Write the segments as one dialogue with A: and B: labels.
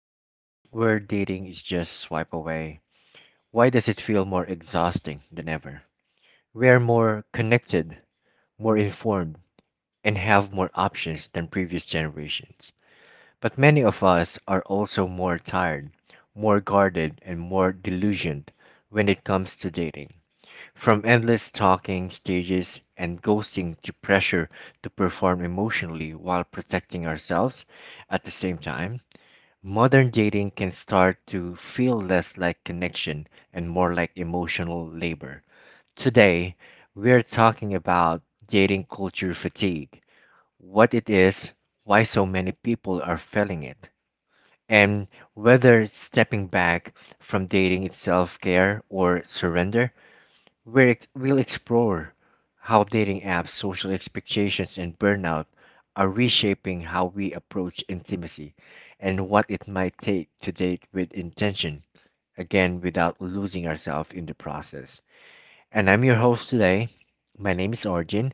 A: In a world where dating is just swipe away, why does it feel more exhausting than ever? We are more connected, more informed, and have more options than previous generations. But many of us are also more tired, more guarded, and more delusioned when it comes to dating. From endless talking stages and ghosting to pressure to perform emotionally while protecting ourselves at the same time, modern dating can start to feel less like connection and more like emotional labor. Today, we're talking about dating culture fatigue, what it is, why so many people are feeling it, and whether stepping back from dating is self care or surrender we'll explore how dating apps, social expectations, and burnout are reshaping how we approach intimacy and what it might take to date with intention, again, without losing ourselves in the process. And I'm your host today. My name is Arjun,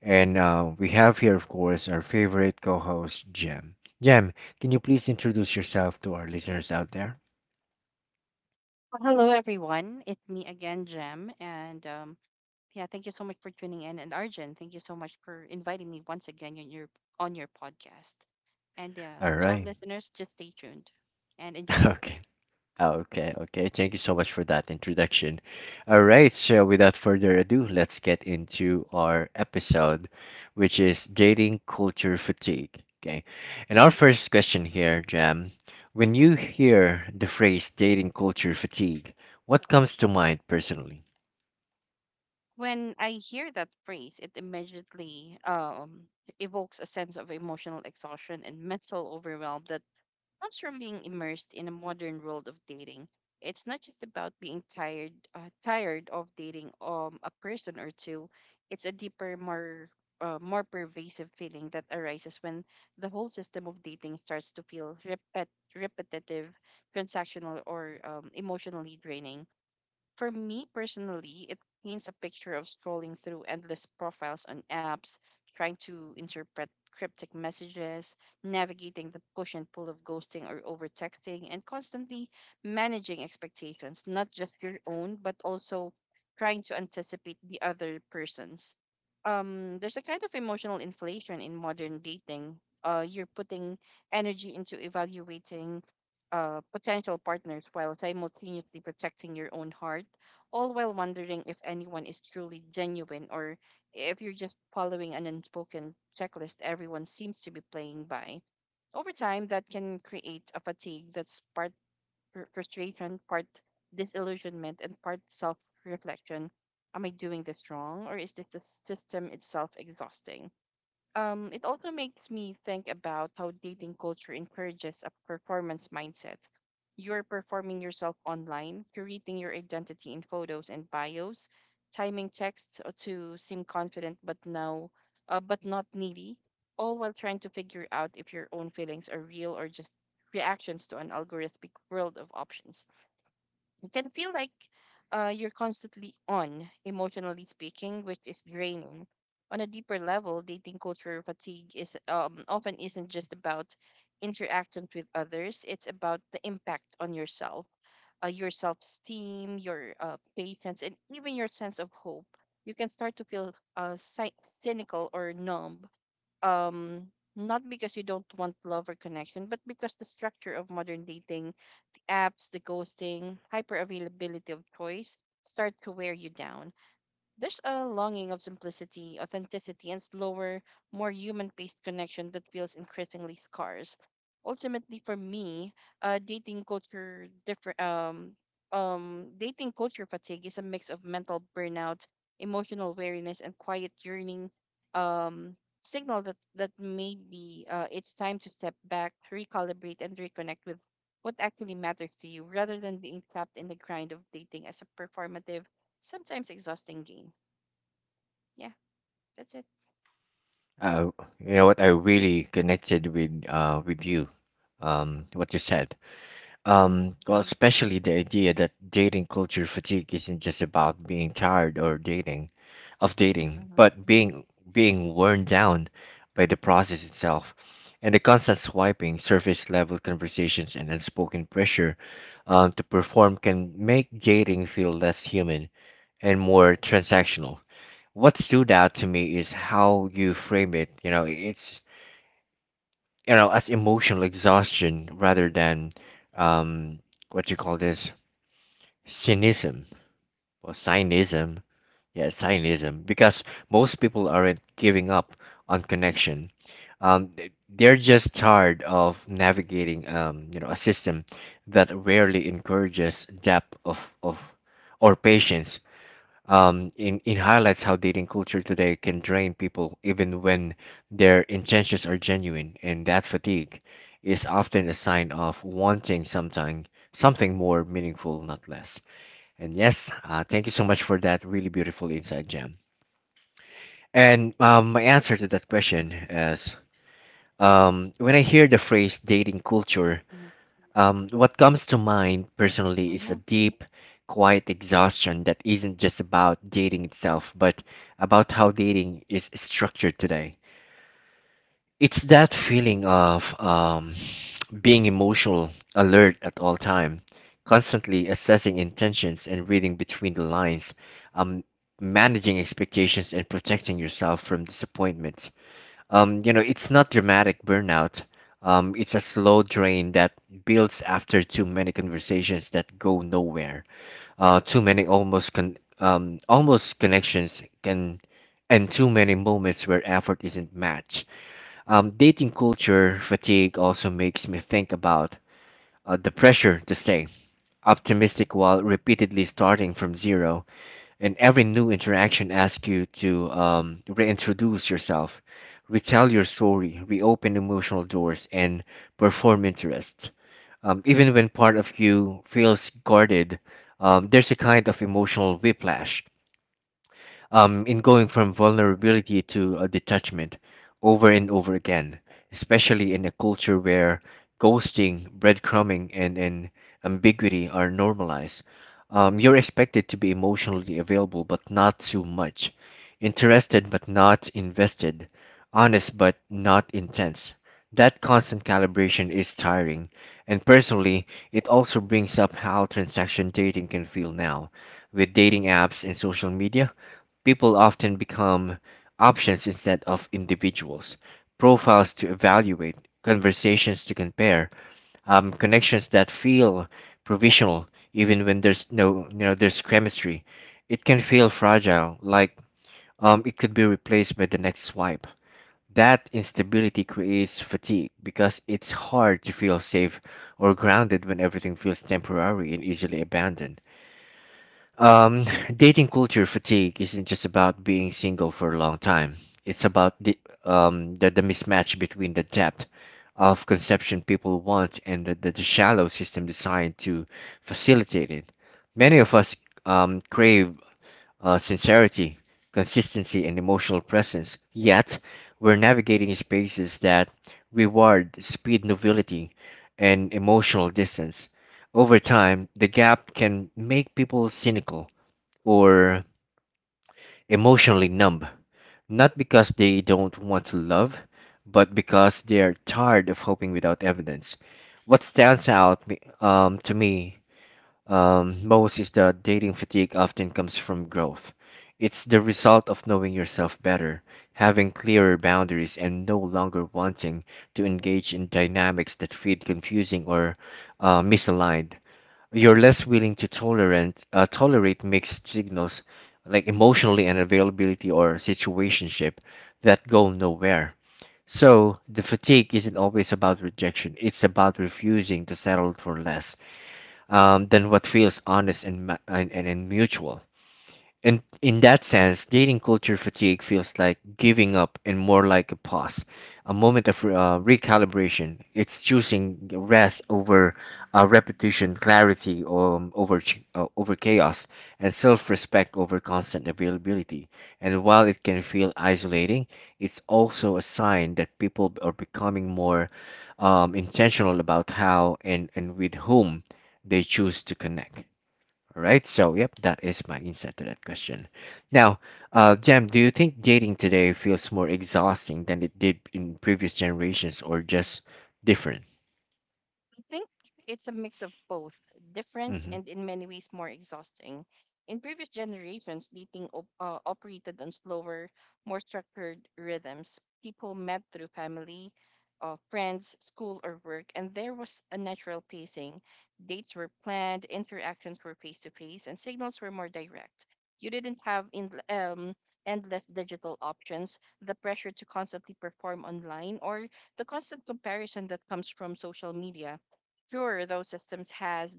A: and we have here, of course, our favorite co host, Jem. Jem, can you please introduce yourself to our listeners out there?
B: Well, hello, everyone. It's me again, Jem. And yeah, thank you so much for tuning in. And Arjun, thank you so much for inviting me once again on on your podcast. And
A: All
B: To all
A: right.
B: listeners, just stay tuned and enjoy.
A: Okay. Okay, okay. Thank you so much for that introduction. All right, so without further ado, let's get into our episode, which is dating culture fatigue. Okay. And our first question here, Jam, when you hear the phrase dating culture fatigue, what comes to mind personally?
B: When I hear that phrase, it immediately evokes a sense of emotional exhaustion and mental overwhelm that comes from being immersed in a modern world of dating. It's not just about being tired of dating a person or two. It's a deeper, more pervasive feeling that arises when the whole system of dating starts to feel repetitive, transactional, or emotionally draining. For me personally, it paints a picture of scrolling through endless profiles on apps, trying to interpret cryptic messages, navigating the push and pull of ghosting or over texting, and constantly managing expectations, not just your own, but also trying to anticipate the other person's. There's a kind of emotional inflation in modern dating. You're putting energy into evaluating potential partners while simultaneously protecting your own heart, all while wondering if anyone is truly genuine or if you're just following an unspoken checklist everyone seems to be playing by. Over time, that can create a fatigue that's part frustration, part disillusionment, and part self reflection. Am I doing this wrong, or is this the system itself exhausting? It also makes me think about how dating culture encourages a performance mindset. You're performing yourself online, curating your identity in photos and bios, timing texts to seem confident but not needy, all while trying to figure out if your own feelings are real or just reactions to an algorithmic world of options. It can feel like you're constantly on, emotionally speaking, which is draining. On a deeper level, dating culture fatigue is often isn't just about interactions with others. It's about the impact on yourself, your self-esteem, your patience, and even your sense of hope. You can start to feel cynical or numb, um, not because you don't want love or connection, but because the structure of modern dating, the apps, the ghosting, hyper availability of choice, start to wear you down. There's a longing of simplicity, authenticity, and slower, more human paced connection that feels increasingly scarce. Ultimately, for me, dating culture different. Dating culture fatigue is a mix of mental burnout, emotional weariness, and quiet yearning. Signal that maybe it's time to step back, recalibrate, and reconnect with what actually matters to you, rather than being trapped in the grind of dating as a performative, sometimes exhausting game. Yeah, that's it.
A: Uh, you know what? I really connected with you, what you said.
B: Mm-hmm,
A: Well, especially the idea that dating culture fatigue isn't just about being tired or dating of dating,
B: mm-hmm,
A: but being worn down by the process itself and the constant swiping, surface level conversations, and unspoken pressure to perform can make dating feel less human and more transactional. What stood out to me is how you frame it. You know, it's as emotional exhaustion rather than um, what you call this cynism or cynism. Yeah, it's Zionism because most people aren't giving up on connection. They're just tired of navigating, a system that rarely encourages depth of or patience. In highlights how dating culture today can drain people even when their intentions are genuine, and that fatigue is often a sign of wanting something more meaningful, not less. And yes, thank you so much for that really beautiful insight, Jam. And my answer to that question is when I hear the phrase dating culture, what comes to mind personally is a
B: mm-hmm.
A: deep, quiet exhaustion that isn't just about dating itself, but about how dating is structured today. It's that feeling of being emotional, alert at all time, constantly assessing intentions and reading between the lines, um, managing expectations and protecting yourself from disappointment. You know, it's not dramatic burnout. It's a slow drain that builds after too many conversations that go nowhere. Too many almost con almost connections can, and too many moments where effort isn't matched. Dating culture fatigue also makes me think about the pressure to stay optimistic while repeatedly starting from zero. And every new interaction asks you to reintroduce yourself, retell your story, reopen emotional doors, and perform interest. Even when part of you feels guarded, there's a kind of emotional whiplash in going from vulnerability to a detachment over and over again, especially in a culture where ghosting, breadcrumbing, and ambiguity are normalized. You're expected to be emotionally available, but not too much, interested but not invested, honest but not intense. That constant calibration is tiring, and personally, it also brings up how transaction dating can feel now with dating apps and social media. People often become options instead of individuals, profiles to evaluate, conversations to compare, connections that feel provisional even when there's no you know there's chemistry. It can feel fragile, like it could be replaced by the next swipe. That instability creates fatigue because it's hard to feel safe or grounded when everything feels temporary and easily abandoned. Um, Dating culture fatigue isn't just about being single for a long time. It's about the mismatch between the depth of conception people want and the shallow system designed to facilitate it. Many of us crave sincerity, consistency, and emotional presence. Yet, we're navigating spaces that reward speed, novelty, and emotional distance. Over time, the gap can make people cynical or emotionally numb, not because they don't want to love, but because they're tired of hoping without evidence. What to me most is that dating fatigue often comes from growth. It's the result of knowing yourself better, having clearer boundaries, and no longer wanting to engage in dynamics that feel confusing or misaligned. You're less willing to tolerant tolerate mixed signals like emotionally and availability or situationship that go nowhere. So the fatigue isn't always about rejection. It's about refusing to settle for less than what feels honest and mutual. And in that sense, dating culture fatigue feels like giving up and more like a pause, a moment of recalibration. It's choosing rest over repetition, clarity over chaos, and self respect over constant availability. And while it can feel isolating, it's also a sign that people are becoming more intentional about how and with whom they choose to connect. All right. So, yep, that is my insight to that question. Now, Jam, do you think dating today feels more exhausting than it did in previous generations or just different?
B: I think it's a mix of both, different
A: Hmm.
B: and in many ways more exhausting. In previous generations, dating operated on slower, more structured rhythms. People met through family, friends, school, or work, and there was a natural pacing. Dates were planned, interactions were face to face, and signals were more direct. You didn't have endless digital options, the pressure to constantly perform online, or the constant comparison that comes from social media. Sure, those systems has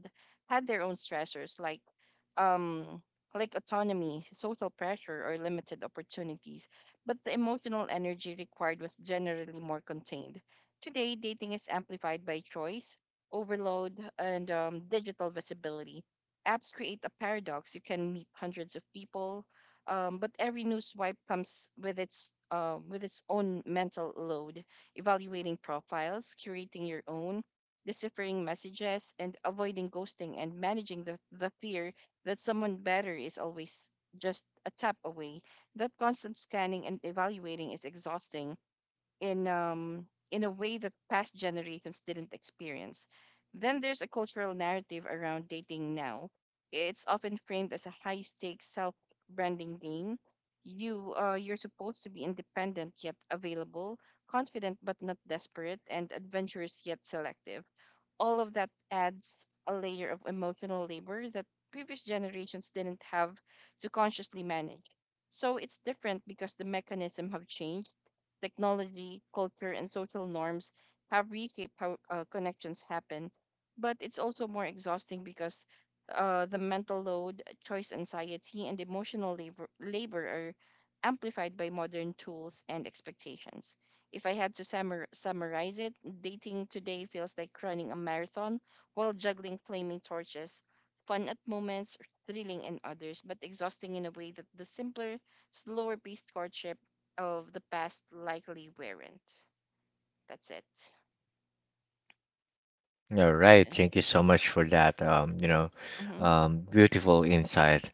B: had their own stressors um, like autonomy, social pressure, or limited opportunities, but the emotional energy required was generally more contained. Today, dating is amplified by choice, overload, and digital visibility. Apps create a paradox. You can meet hundreds of people, but every new swipe comes with its own mental load. Evaluating profiles, curating your own, deciphering messages, and avoiding ghosting, and managing the fear that someone better is always just a tap away. That constant scanning and evaluating is exhausting in a way that past generations didn't experience. Then there's a cultural narrative around dating now. It's often framed as a high stakes self branding game. You're supposed to be independent yet available, confident but not desperate, and adventurous yet selective. All of that adds a layer of emotional labor that previous generations didn't have to consciously manage. So it's different because the mechanism have changed. Technology, culture, and social norms have reshaped how connections happen. But it's also more exhausting because the mental load, choice anxiety, and emotional labor are amplified by modern tools and expectations. If I had to summarize it, dating today feels like running a marathon while juggling flaming torches. Fun at moments, thrilling in others, but exhausting in a way that the simpler, slower paced courtship of the past likely weren't. That's it.
A: All right,
B: Arjun.
A: thank you so much for that. You know,
B: Mm-hmm.
A: beautiful insight.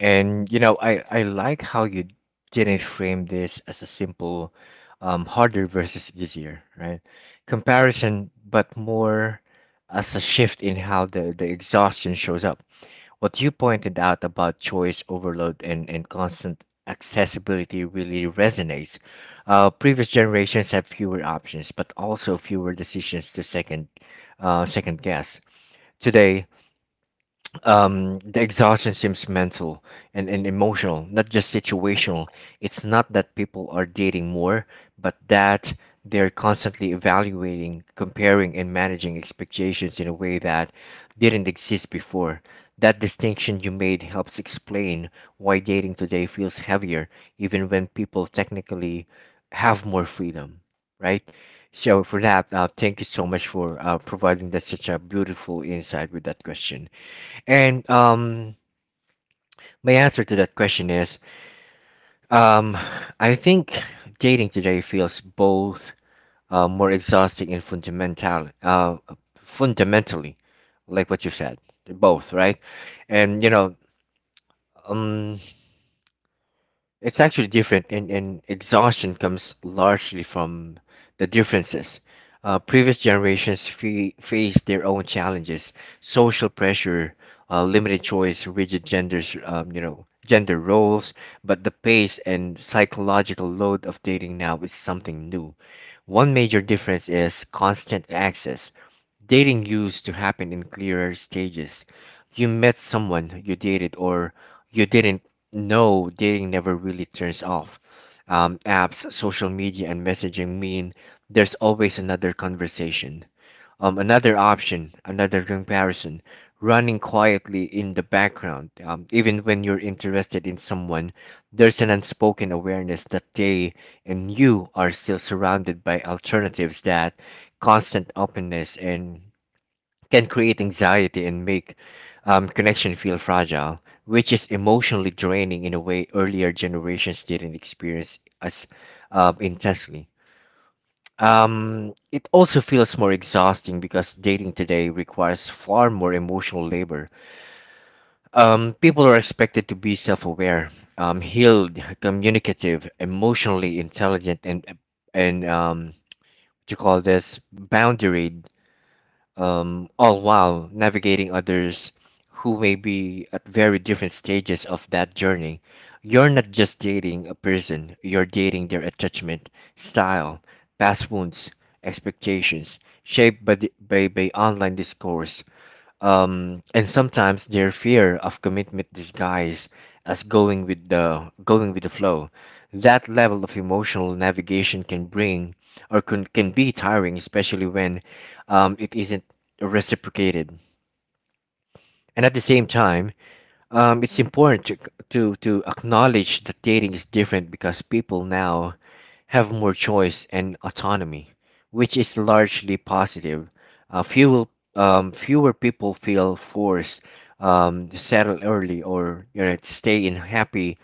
A: And you know, I like how you didn't frame this as a simple, harder versus easier, right? Comparison, but more as a shift in how the exhaustion shows up. What you pointed out about choice overload and constant accessibility really resonates. Previous generations had fewer options, but also fewer decisions to second guess. Today, the exhaustion seems mental and emotional, not just situational. It's not that people are dating more, but that they're constantly evaluating, comparing, and managing expectations in a way that didn't exist before. That distinction you made helps explain why dating today feels heavier, even when people technically have more freedom, right? So, for that, thank you so much for providing that such a beautiful insight with that question. And my answer to that question is, um, I think dating today feels both more exhausting and fundamentally, like what you said, both, right? And you know, um, it's actually different, and exhaustion comes largely from the differences. Previous generations faced their own challenges, social pressure, limited choice, rigid genders, you know, gender roles. But the pace and psychological load of dating now is something new. One major difference is constant access. Dating used to happen in clearer stages. You met someone, you dated, or you didn't. No, dating never really turns off. Apps, social media, and messaging mean there's always another conversation, another option, another comparison running quietly in the background. Even when you're interested in someone, there's an unspoken awareness that they and you are still surrounded by alternatives. That constant openness and can create anxiety and make connection feel fragile, which is emotionally draining in a way earlier generations didn't experience as intensely. It also feels more exhausting because dating today requires far more emotional labor. People are expected to be self-aware, healed, communicative, emotionally intelligent, and and um, to call this boundary all while navigating others who may be at very different stages of that journey. You're not just dating a person, you're dating their attachment, style, past wounds, expectations, shaped by, by online discourse, and sometimes their fear of commitment disguised as going with the flow. That level of emotional navigation can bring or can be tiring, especially when it isn't reciprocated. And at the same time, it's
B: Mm-hmm.
A: important to acknowledge that dating is different because people now have more choice and autonomy, which is largely positive. Uh, fewer people feel forced to settle early or you know, to stay in happy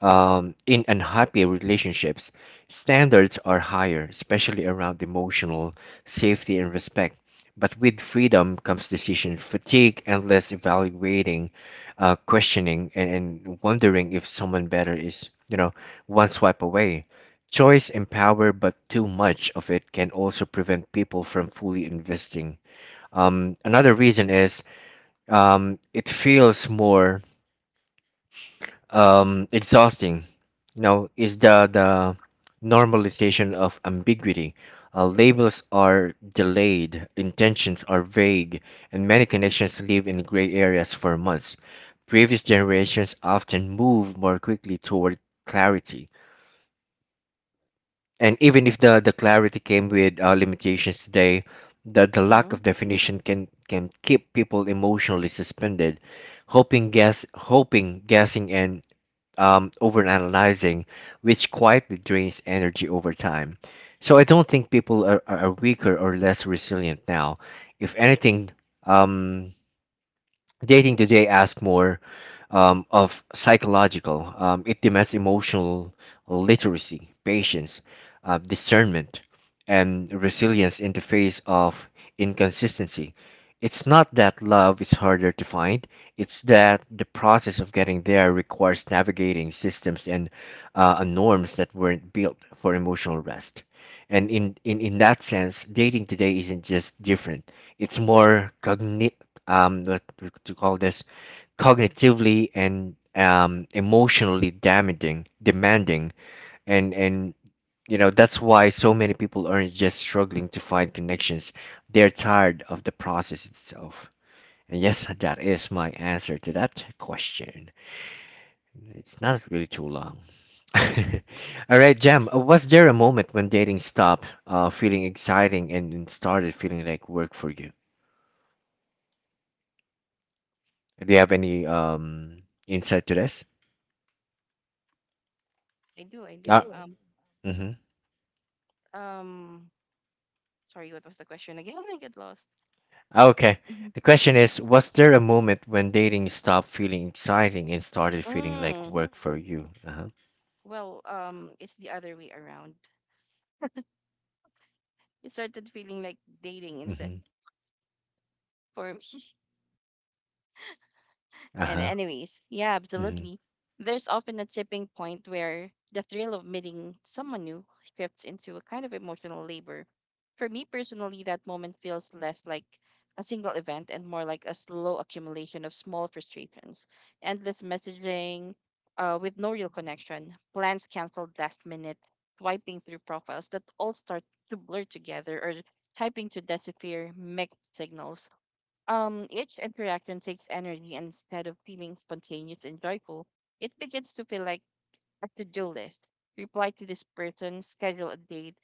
A: in unhappy relationships, standards are higher, especially around emotional safety and respect. But with freedom comes decision fatigue, endless evaluating, questioning, and wondering if someone better is, you know, one swipe away. Choice and power, but too much of it can also prevent people from fully investing. Another reason is it feels more exhausting, you know, is the normalization of ambiguity. Labels are delayed, intentions are vague, and many connections live in gray areas for months. Previous generations often move more quickly toward clarity, and even if the clarity came with limitations today, the lack
B: Mm-hmm.
A: of definition can keep people emotionally suspended, hoping guessing and overanalyzing, which quietly drains energy over time. So I don't think people are weaker or less resilient now. If anything, um, dating today asks more of psychological. It demands emotional literacy, patience, discernment, and resilience in the face of inconsistency. It's not that love is harder to find, it's that the process of getting there requires navigating systems and norms that weren't built for emotional rest. And in that sense, dating today isn't just different, it's more cognitive, what we could call this cognitively and emotionally damaging, demanding, and that's why so many people aren't just struggling to find connections. They're tired of the process itself. And yes, that is my answer to that question. It's not really too long. All right, Jam, was there a moment when dating stopped feeling exciting and started feeling like work for you? Do you have any insight to this?
B: I do, I
A: Uh,
B: do.
A: Sure.
B: Um, Sorry, what was the question again? I get lost.
A: Okay.
B: Hmm.
A: The question is, was there a moment when dating stopped feeling exciting and started feeling like
B: Mm,
A: work for you? Uh-huh.
B: well, it's the other way around. It started feeling like dating instead
A: Mm-hmm.
B: for me. And
A: Uh-huh.
B: anyways, yeah,
A: Mm-hmm.
B: absolutely. There's often a tipping point where the thrill of meeting someone new shifts into a kind of emotional labor. For me personally, that moment feels less like a single event and more like a slow accumulation of small frustrations, endless messaging with no real connection, plans canceled last minute, swiping through profiles that all start to blur together, or typing to decipher mixed signals. Each interaction takes energy, and instead of feeling spontaneous and joyful, it begins to feel like a to-do list. Reply to this person, schedule a date,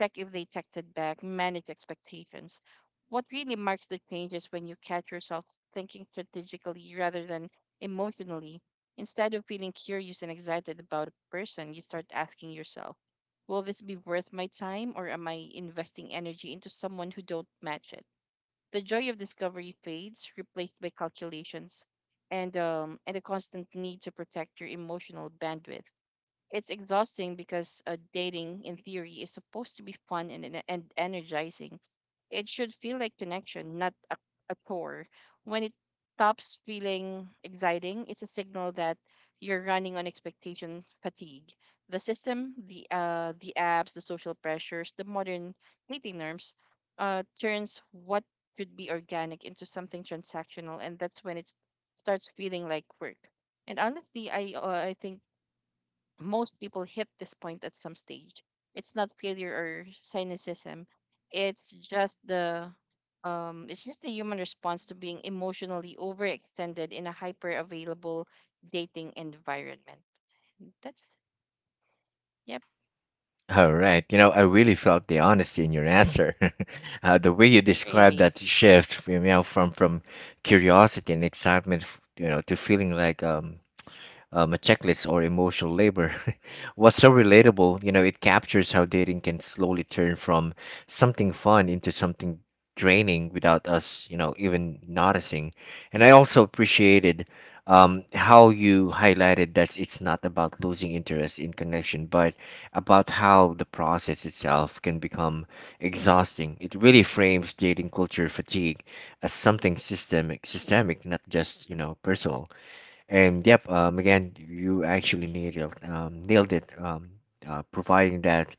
B: check if they texted back, manage expectations. What really marks the change is when you catch yourself thinking strategically rather than emotionally. Instead of feeling curious and excited about a person, you start asking yourself, will this be worth my time or am I investing energy into someone who don't match it? The joy of discovery fades, replaced by calculations and a constant need to protect your emotional bandwidth. It's exhausting because dating, in theory, is supposed to be fun and energizing. It should feel like connection, not a chore. When it stops feeling exciting, it's a signal that you're running on expectation fatigue. The system, the apps, the social pressures, the modern dating norms, turns what should be organic into something transactional, and that's when it starts feeling like work. And honestly, I think most people hit this point at some stage. It's not failure or cynicism. It's just the human response to being emotionally overextended in a hyper available dating environment. That's, yep.
A: All right. You know, I really felt the honesty in your answer. The way you described
B: Really.
A: that shift, you know, from curiosity and excitement, you know, to feeling like a checklist or emotional labor. What's so relatable, you know, it captures how dating can slowly turn from something fun into something draining without us, you know, even noticing. And I also appreciated how you highlighted that it's not about losing interest in connection, but about how the process itself can become exhausting. It really frames dating culture fatigue as something systemic, not just, you know, personal. And yep, again, you actually nailed it, providing that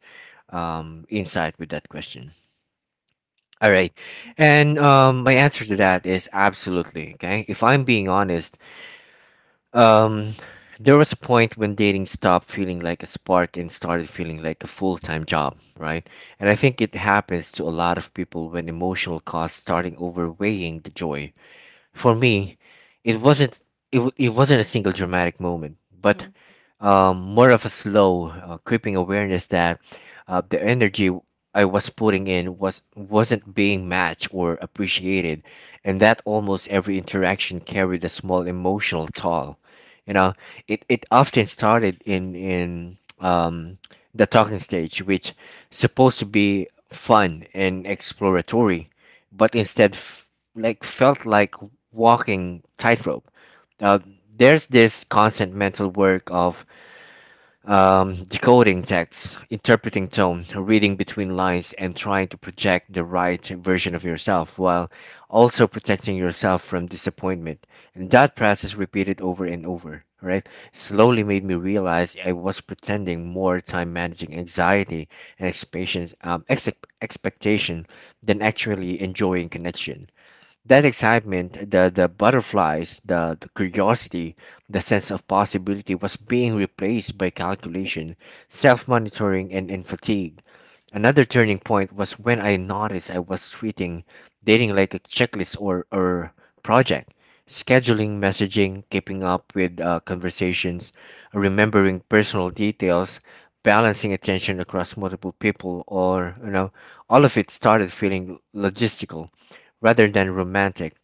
A: insight with that question. All right, and my answer to that is absolutely okay. If I'm being honest, um, there was a point when dating stopped feeling like a spark and started feeling like a full-time job, right? And I think it happens to a lot of people when emotional costs starting overweighing the joy. For me, it wasn't it it wasn't a single dramatic moment,
B: Mm-hmm.
A: but more of a slow, creeping awareness that the energy I was putting in wasn't being matched or appreciated, and that almost every interaction carried a small emotional toll. You know, it often started in the talking stage, which supposed to be fun and exploratory, but like felt like walking tightrope. Uh, there's this constant mental work of decoding text, interpreting tone, reading between lines, and trying to project the right version of yourself while also protecting yourself from disappointment. And that process repeated over and over, right? Slowly made me realize I was pretending more time managing anxiety and expectations, expectation than actually enjoying connection. That excitement, the butterflies, the curiosity, the sense of possibility was being replaced by calculation, self monitoring, and fatigue. Another turning point was when I noticed I was treating dating like a checklist or project, scheduling messaging, keeping up with conversations, remembering personal details, balancing attention across multiple people, or, you know, all of it started feeling logistical rather than romantic.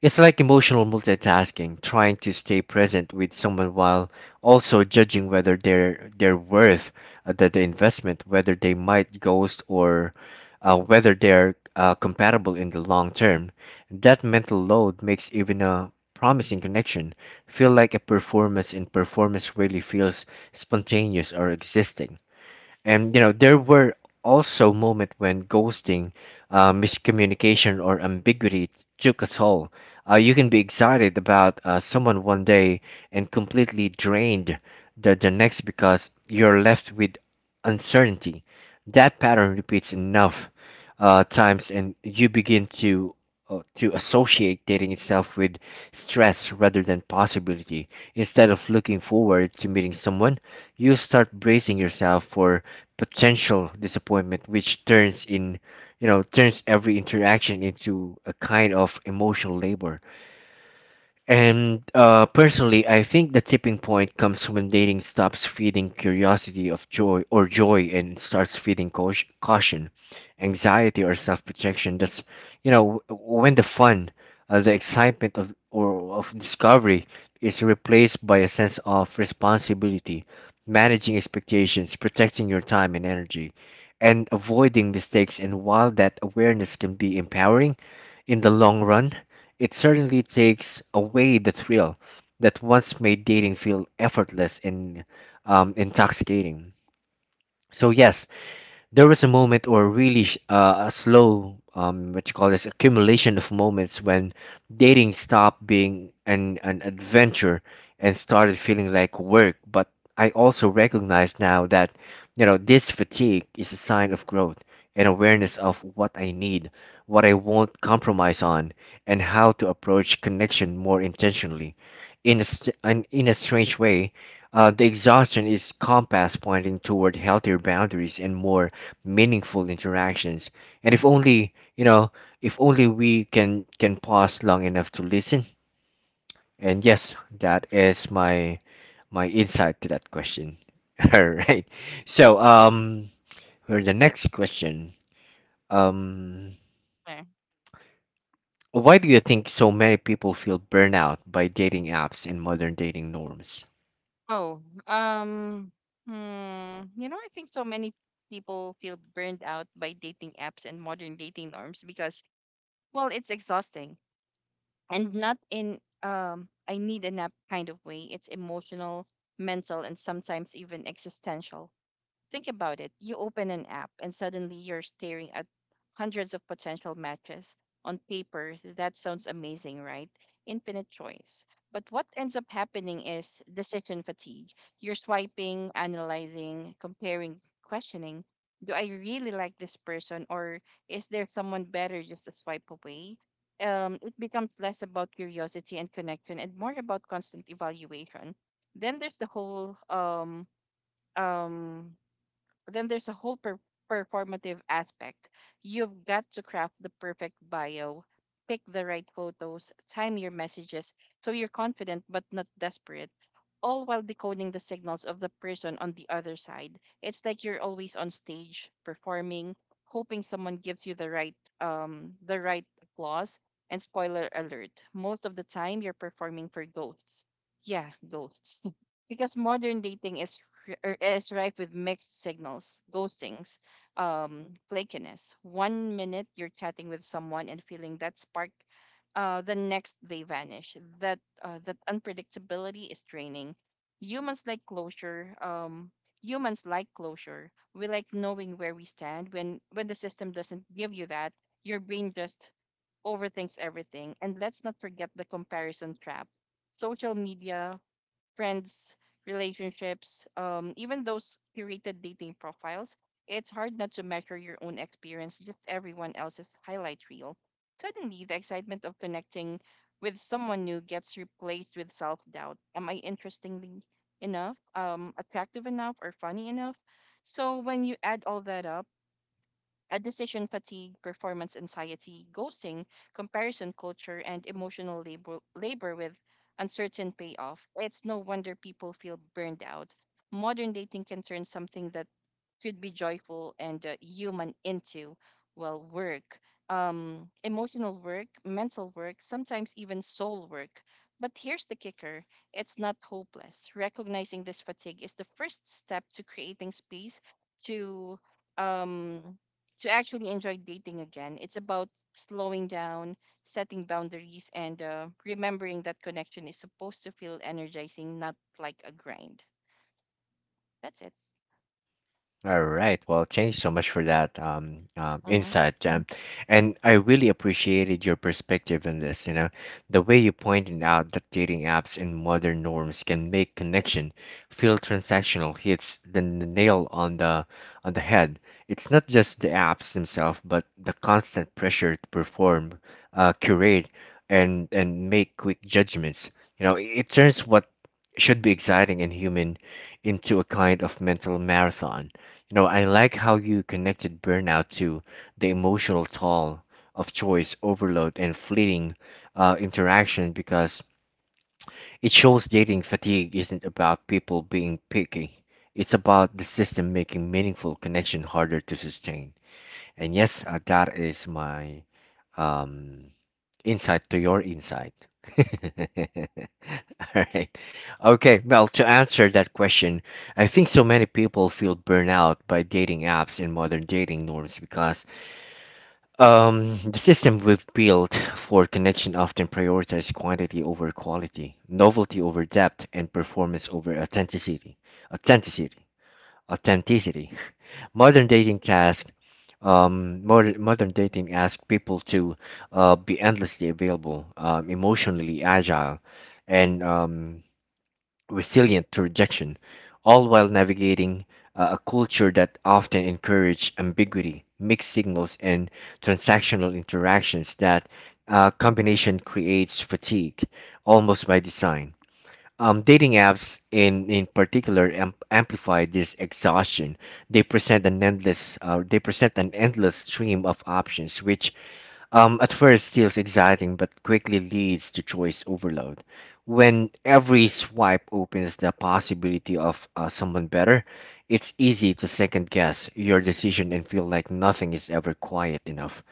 A: It's like emotional multitasking, trying to stay present with someone while also judging whether they're worth the investment, whether they might ghost or whether they're compatible in the long term. That mental load makes even a promising connection feel like a performance, and performance really feels spontaneous or existing. And you know, there were also moments when ghosting, miscommunication, or ambiguity took a toll. You can be excited about someone one day and completely drained the next because you're left with uncertainty. That pattern repeats enough times, and you begin to associate dating itself with stress rather than possibility. Instead of looking forward to meeting someone, you start bracing yourself for potential disappointment, which turns in you know turns every interaction into a kind of emotional labor. And personally, I think the tipping point comes when dating stops feeding curiosity of joy or joy and starts feeding caution, caution anxiety, or self-protection. That's, you know, when the fun, the excitement of discovery is replaced by a sense of responsibility, managing expectations, protecting your time and energy, and avoiding mistakes. And while that awareness can be empowering in the long run, it certainly takes away the thrill that once made dating feel effortless and intoxicating. So, yes, there was a moment, or really a slow what you call this accumulation of moments when dating stopped being an adventure and started feeling like work, but I also recognize now that, you know, this fatigue is a sign of growth and awareness of what I need, what I won't compromise on, and how to approach connection more intentionally in a, in a strange way. The exhaustion is compass pointing toward healthier boundaries and more meaningful interactions. And if only, you know, if only we can pause long enough to listen. And yes, that is my insight to that question. All right. So, for the next question, um, why do you think so many people feel burnout by dating apps and modern dating norms?
B: Oh, um, hmm, you know, I think so many people feel burned out by dating apps and modern dating norms because, well, it's exhausting and not in "I need a nap" kind of way. It's emotional, mental, and sometimes even existential. Think about it. You open an app and suddenly you're staring at hundreds of potential matches. On paper, that sounds amazing, right? Infinite choice. But what ends up happening is decision fatigue. You're swiping, analyzing, comparing, questioning. Do I really like this person or is there someone better just a swipe away? It becomes less about curiosity and connection and more about constant evaluation. Then there's the whole um then there's a whole performative aspect. You've got to craft the perfect bio, pick the right photos, time your messages so you're confident but not desperate, all while decoding the signals of the person on the other side. It's like you're always on stage performing, hoping someone gives you the right applause. And spoiler alert, most of the time you're performing for ghosts. Yeah, ghosts, because modern dating is rife with mixed signals, ghostings, flakiness. One minute you're chatting with someone and feeling that spark, the next they vanish. That unpredictability is draining. Humans like closure. We like knowing where we stand. When the system doesn't give you that, your brain just overthinks everything. And let's not forget the comparison trap: social media, friends, relationships, even those curated dating profiles. It's hard not to measure your own experience, just everyone else's highlight reel. Suddenly, the excitement of connecting with someone new gets replaced with self doubt. Am I interestingly enough, attractive enough, or funny enough? So, when you add all that up, a decision fatigue, performance anxiety, ghosting, comparison culture, and emotional labor with uncertain payoff. It's no wonder people feel burned out. Modern dating can turn something that could be joyful and human into, well, work, emotional work, mental work, sometimes even soul work. But here's the kicker, it's not hopeless. Recognizing this fatigue is the first step to creating space to. Um, to actually enjoy dating again. It's about slowing down, setting boundaries, and remembering that connection is supposed to feel energizing, not like a grind. That's it.
A: All right. Well, thanks so much for that
B: hmm
A: insight, Jam. And I really appreciated your perspective on this. You know, the way you pointed out that dating apps and modern norms can make connection feel transactional hits the nail on the head. It's not just the apps themselves, but the constant pressure to perform, curate, and make quick judgments. You know, it turns what should be exciting and human into a kind of mental marathon. You know, I like how you connected burnout to the emotional toll of choice overload and fleeting interaction because it shows dating fatigue isn't about people being picky. It's about the system making meaningful connection harder to sustain. And yes, that is my um, insight to your insight. Right. Okay. Well, to answer that question, I think so many people feel burnout by dating apps and modern dating norms because the system we've built for connection often prioritizes quantity over quality, novelty over depth, and performance over authenticity. Authenticity. Authenticity. Modern dating task. Modern dating asks people to be endlessly available, emotionally agile, and resilient to rejection, all while navigating a culture that often encourages ambiguity, mixed signals, and transactional interactions. That combination creates fatigue, almost by design. Dating apps, in particular, amplify this exhaustion. They present an endless stream of options, which at first, feels exciting, but quickly leads to choice overload. When every swipe opens the possibility of someone better, it's easy to second guess your decision and feel like nothing is ever quiet enough.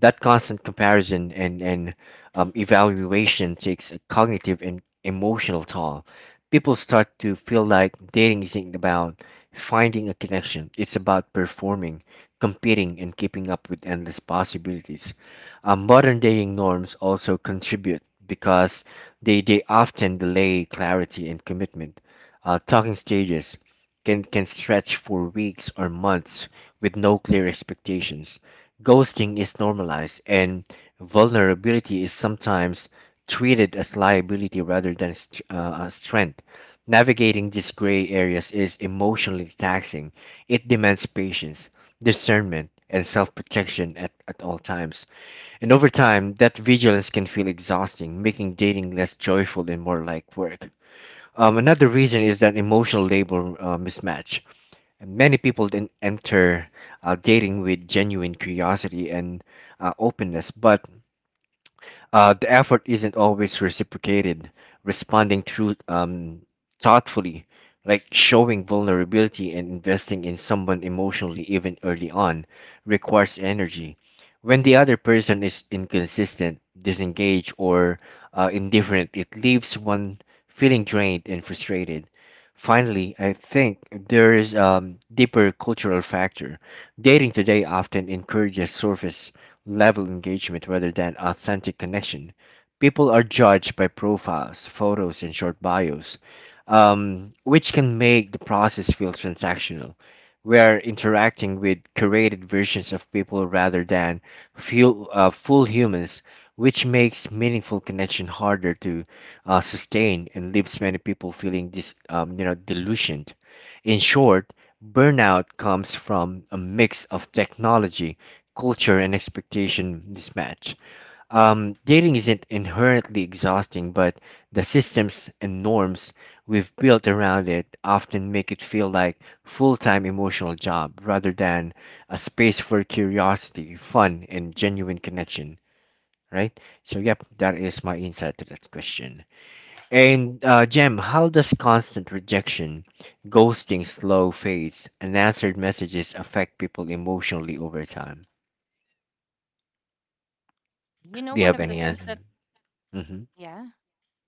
A: That constant comparison and evaluation takes a cognitive and emotional toll. People start to feel like dating isn't about finding a connection, it's about performing, competing, and keeping up with endless possibilities. Modern dating norms also contribute because they often delay clarity and commitment. Talking stages can stretch for weeks or months with no clear expectations. Ghosting is normalized, and vulnerability is sometimes treated as liability rather than a strength. Navigating these gray areas is emotionally taxing. It demands patience, discernment, and self protection at all times. And over time, that vigilance can feel exhausting, making dating less joyful and more like work. Another reason is that emotional label mismatch. And many people then enter dating with genuine curiosity and openness, but the effort isn't always reciprocated. Responding through thoughtfully, like showing vulnerability and investing in someone emotionally, even early on, requires energy. When the other person is inconsistent, disengaged, or indifferent, it leaves one feeling drained and frustrated. Finally, I think there is a deeper cultural factor. Dating today often encourages surface level engagement rather than authentic connection. People are judged by profiles, photos, and short bios, which can make the process feel transactional. We are interacting with curated versions of people rather than full humans, which makes meaningful connection harder to sustain and leaves many people feeling you know, delusioned. In short, burnout comes from a mix of technology culture and expectation mismatch. Dating isn't inherently exhausting, but the systems and norms we've built around it often make it feel like full-time emotional job rather than a space for curiosity, fun, and genuine connection, right? So, yep, that is my insight to that question. And, Jem, how does constant rejection, ghosting, slow fades, and answered messages affect people emotionally over time?
B: You know,
A: Do you
B: one
A: have
B: of the
A: any
B: things
A: answer? Hmm.
B: yeah,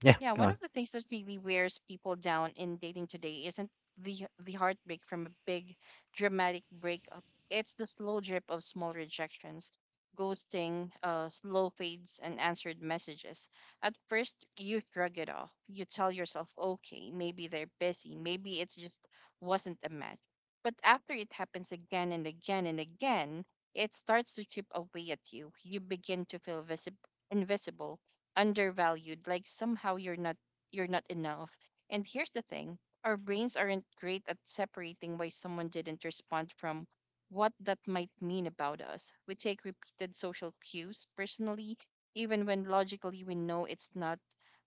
A: Yeah,
B: Yeah,
A: go
B: one of
A: on.
B: the things that really wears people down in dating today isn't the heartbreak from a big dramatic breakup. It's the slow drip of small rejections, ghosting, slow fades, and answered messages. At first, you shrug it off. You tell yourself, okay, maybe they're busy, maybe it's just wasn't a match. But after it happens again and again and again, it starts to chip away at you. You begin to feel invisible, undervalued, like somehow you're not enough. And here's the thing, our brains aren't great at separating why someone didn't respond from what that might mean about us. We take repeated social cues personally, even when logically we know it's not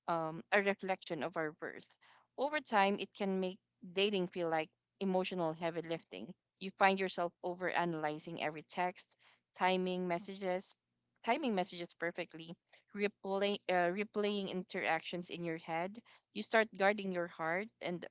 B: a reflection of our worth. Over time it can make dating feel like emotional heavy lifting. You find yourself over analyzing every text, timing messages timing messages perfectly, replaying interactions in your head. You start guarding your heart and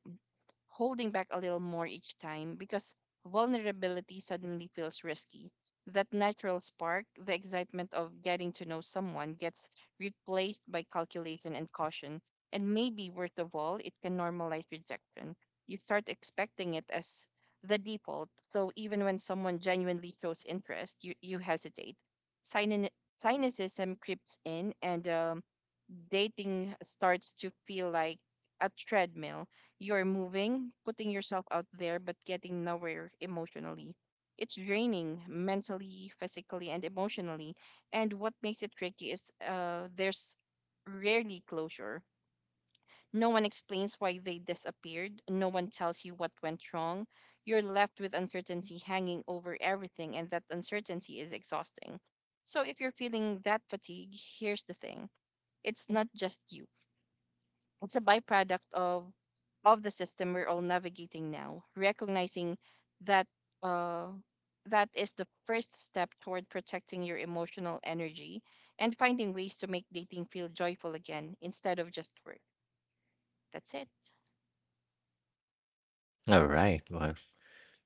B: holding back a little more each time because vulnerability suddenly feels risky. That natural spark, the excitement of getting to know someone, gets replaced by calculation and caution. And maybe, worst of all, it can normalize rejection. You start expecting it as the default. So even when someone genuinely shows interest, you hesitate. Sinan- Cynicism creeps in, and dating starts to feel like a treadmill. You're moving, putting yourself out there, but getting nowhere emotionally. It's draining mentally, physically, and emotionally. And what makes it tricky is there's rarely closure. No one explains why they disappeared. No one tells you what went wrong. You're left with uncertainty hanging over everything, and that uncertainty is exhausting. So, if you're feeling that fatigue, here's the thing, it's not just you. It's a byproduct of the system we're all navigating now. Recognizing that uh, that is the first step toward protecting your emotional energy and finding ways to make dating feel joyful again instead of just work. That's it.
A: All right. Well,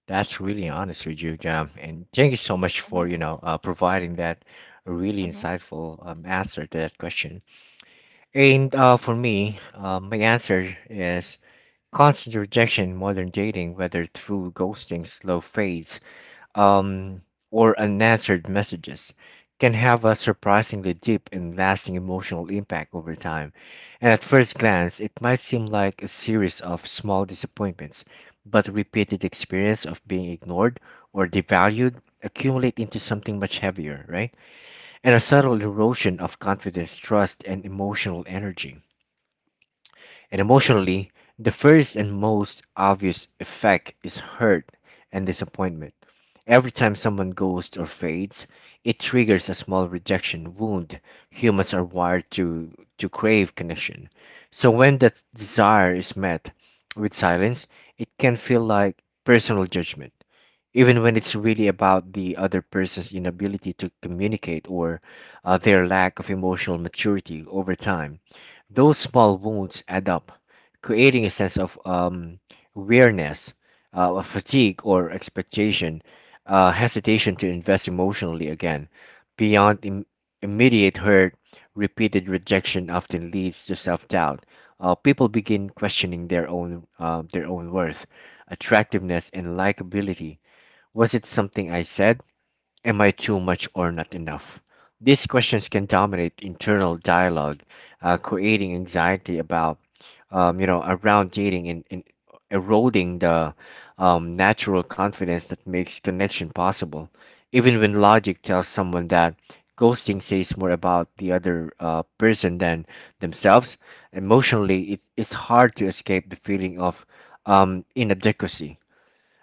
A: that's really honest with you, Jam. And thank you so much
B: Mm-hmm,
A: for, providing that really
B: mm-hmm.
A: insightful answer to that question. And for me, my answer is constant rejection, modern dating, whether through ghosting, slow fades, um, or unanswered messages can have a surprisingly deep and lasting emotional impact over time. And at first glance, it might seem like a series of small disappointments, but repeated experience of being ignored or devalued accumulate into something much heavier, right? And a subtle erosion of confidence, trust, and emotional energy. And emotionally, the first and most obvious effect is hurt and disappointment. Every time someone goes or fades, it triggers a small rejection wound. Humans are wired to crave connection. So when that desire is met with silence, it can feel like personal judgment, even when it's really about the other person's inability to communicate or their lack of emotional maturity over time. Those small wounds add up, creating a sense of weariness, of fatigue or expectation, hesitation to invest emotionally again. Beyond immediate hurt, repeated rejection often leads to self-doubt. People begin questioning their own worth, attractiveness, and likability. Was it something I said? Am I too much or not enough? These questions can dominate internal dialogue, creating anxiety about, around dating, and eroding the natural confidence that makes connection possible. Even when logic tells someone that ghosting says more about the other person than themselves, emotionally, it's hard to escape the feeling of inadequacy.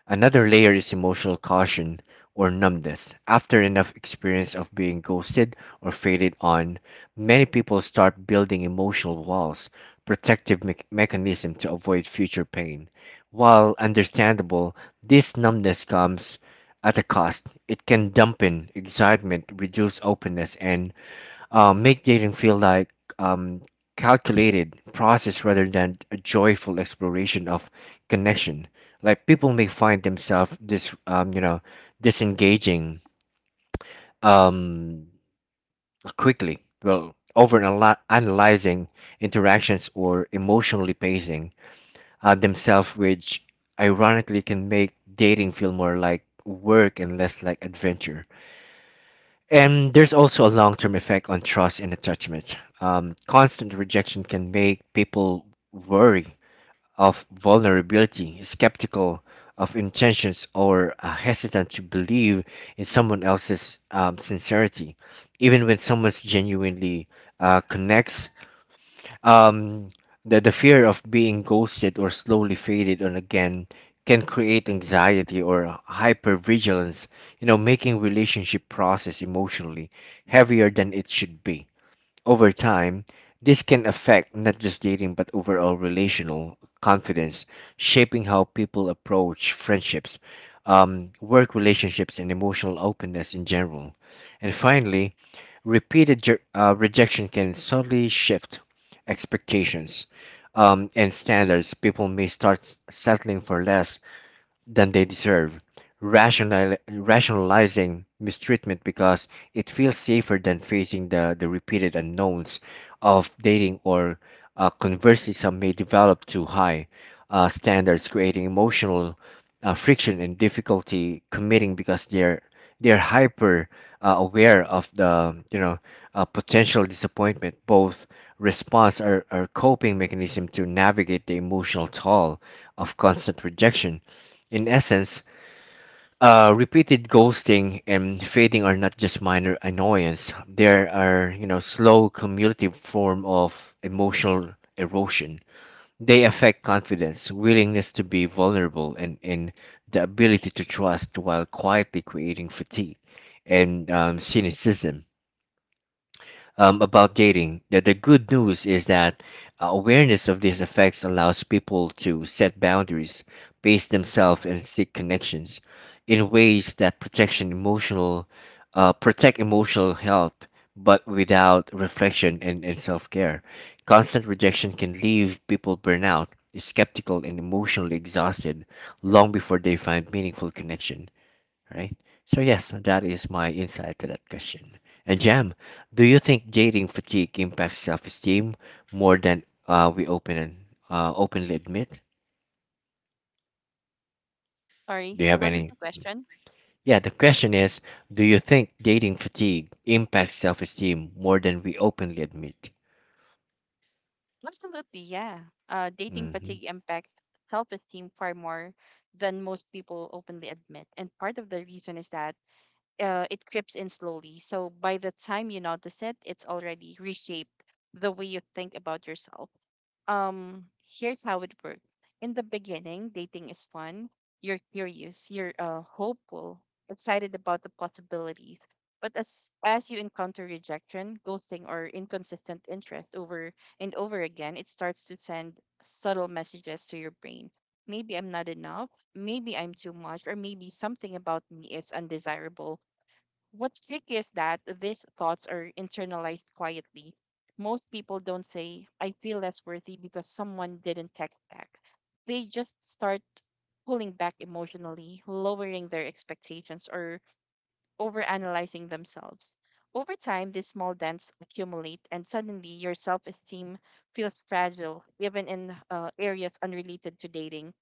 A: Another layer is emotional caution or numbness. After enough experience of being ghosted or faded on, many people start building emotional walls, protective mechanism to avoid future pain. While understandable, this numbness comes at a cost. It can dampen excitement, reduce openness, and make dating feel like calculated process rather than a joyful exploration of connection. Like people may find themselves disengaging um, quickly. Well, over analyzing interactions or emotionally pacing themselves, which ironically can make dating feel more like work and less like adventure. And there's also a long term effect on trust and attachment. Constant rejection can make people wary of vulnerability, skeptical of intentions, or hesitant to believe in someone else's sincerity, even when someone's genuinely connects um, the fear of being ghosted or slowly faded on again can create anxiety or hypervigilance, you know, making relationship process emotionally heavier than it should be. Over time, this can affect not just dating but overall relational confidence, shaping how people approach friendships, work relationships, and emotional openness in general. And finally, repeated rejection can subtly shift expectations and standards. People may start settling for less than they deserve, rationalizing mistreatment because it feels safer than facing the repeated unknowns of dating, or conversely, some may develop too high standards, creating emotional friction and difficulty committing because they're hyper aware of the potential disappointment. Both response are coping mechanism to navigate the emotional toll of constant rejection. In essence, repeated ghosting and fading are not just minor annoyance. They are, you know, slow cumulative form of emotional erosion. They affect confidence, willingness to be vulnerable, and the ability to trust while quietly creating fatigue and cynicism about dating. The good news is that awareness of these effects allows people to set boundaries, pace themselves, and seek connections in ways that protection emotional, protect emotional health, but without reflection and self-care. Constant rejection can leave people burnout, skeptical, and emotionally exhausted long before they find meaningful connection, right? So yes, that is my insight to that question. And Jam, do you think dating fatigue impacts self-esteem more than we open and openly admit?
B: Sorry,
A: Do you have
B: what was
A: any?
B: the question?
A: Yeah, the question is, do you think dating fatigue impacts self-esteem more than we openly admit?
B: Absolutely, yeah. Dating
A: Hmm.
B: fatigue impacts self esteem far more than most people openly admit. And part of the reason is that it creeps in slowly. So by the time you notice it, it's already reshaped the way you think about yourself. Um, Here's how it works. In the beginning, dating is fun. You're curious, you're hopeful, excited about the possibilities. But as you encounter rejection, ghosting, or inconsistent interest over and over again, it starts to send subtle messages to your brain. Maybe I'm not enough. Maybe I'm too much, or maybe something about me is undesirable. What's tricky is that these thoughts are internalized quietly. Most people don't say, I feel less worthy because someone didn't text back. They just start pulling back emotionally, lowering their expectations, or overanalyzing themselves. Over time, these small dents accumulate, and suddenly your self esteem feels fragile, even in areas unrelated to dating.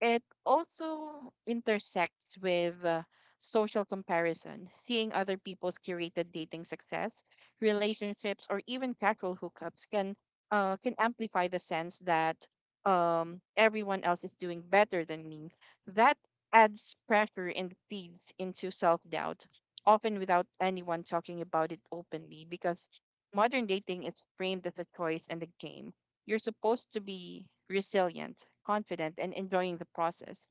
B: It also intersects with social comparison, seeing other people's curated dating success, relationships, or even casual hookups can amplify the sense that everyone else is doing better than me. That adds pressure and feeds into self doubt, often without anyone talking about it openly, because modern dating is framed as a choice and a game. You're supposed to be resilient, confident, and enjoying the process.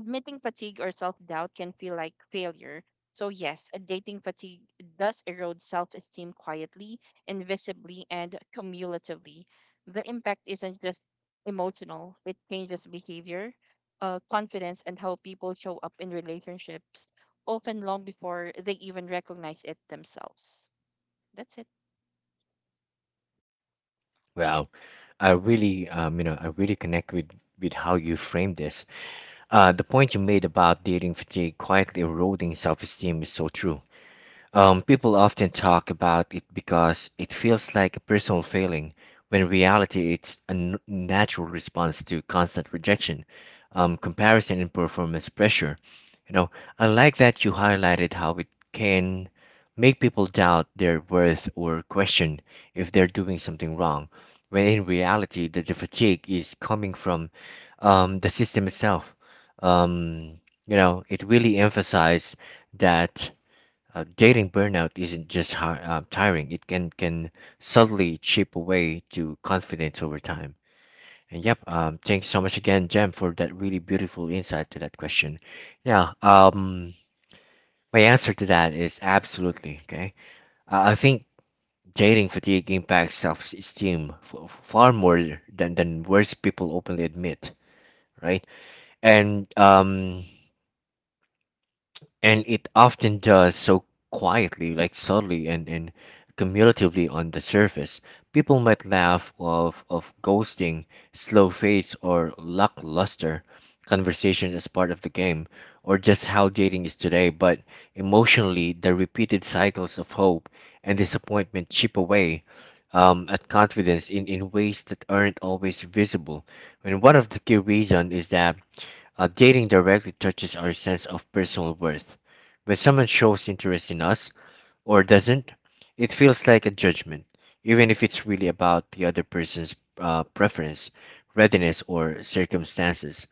B: Admitting fatigue or self doubt can feel like failure. So, yes, a dating fatigue does erode self esteem quietly, invisibly, and cumulatively. The impact isn't just emotional, it changes behavior, confidence, and how people show up in relationships, often long before they even recognize it themselves. That's it. Yeah.
A: Well, I
B: hmm
A: really, I really connect with how you frame this. The point you made about dating fatigue quietly eroding self-esteem is so true. People often talk about it because it feels like a personal failing, when in reality, it's a natural response to constant rejection, comparison, and performance pressure. You know, I like that you highlighted how it can make people doubt their worth or question if they're doing something wrong, when in reality, the fatigue is coming from the system itself. Um, you know, it really emphasized that. Dating burnout isn't just hi tiring; it can subtly chip away to confidence over time. And yep, thanks so much again, Jem, for that really beautiful insight to that question. Yeah, my answer to that is absolutely okay. I think dating fatigue impacts self-esteem f far more than worse people openly admit, right? And and it often does so quietly, like subtly and cumulatively on the surface. People might laugh of ghosting, slow fades, or lackluster conversation as part of the game, or just how dating is today, but emotionally, the repeated cycles of hope and disappointment chip away. At confidence in ways that aren't always visible. And one of the key reasons is that dating directly touches our sense of personal worth. When someone shows interest in us or doesn't, it feels like a judgment, even if it's really about the other person's preference, readiness, or circumstances.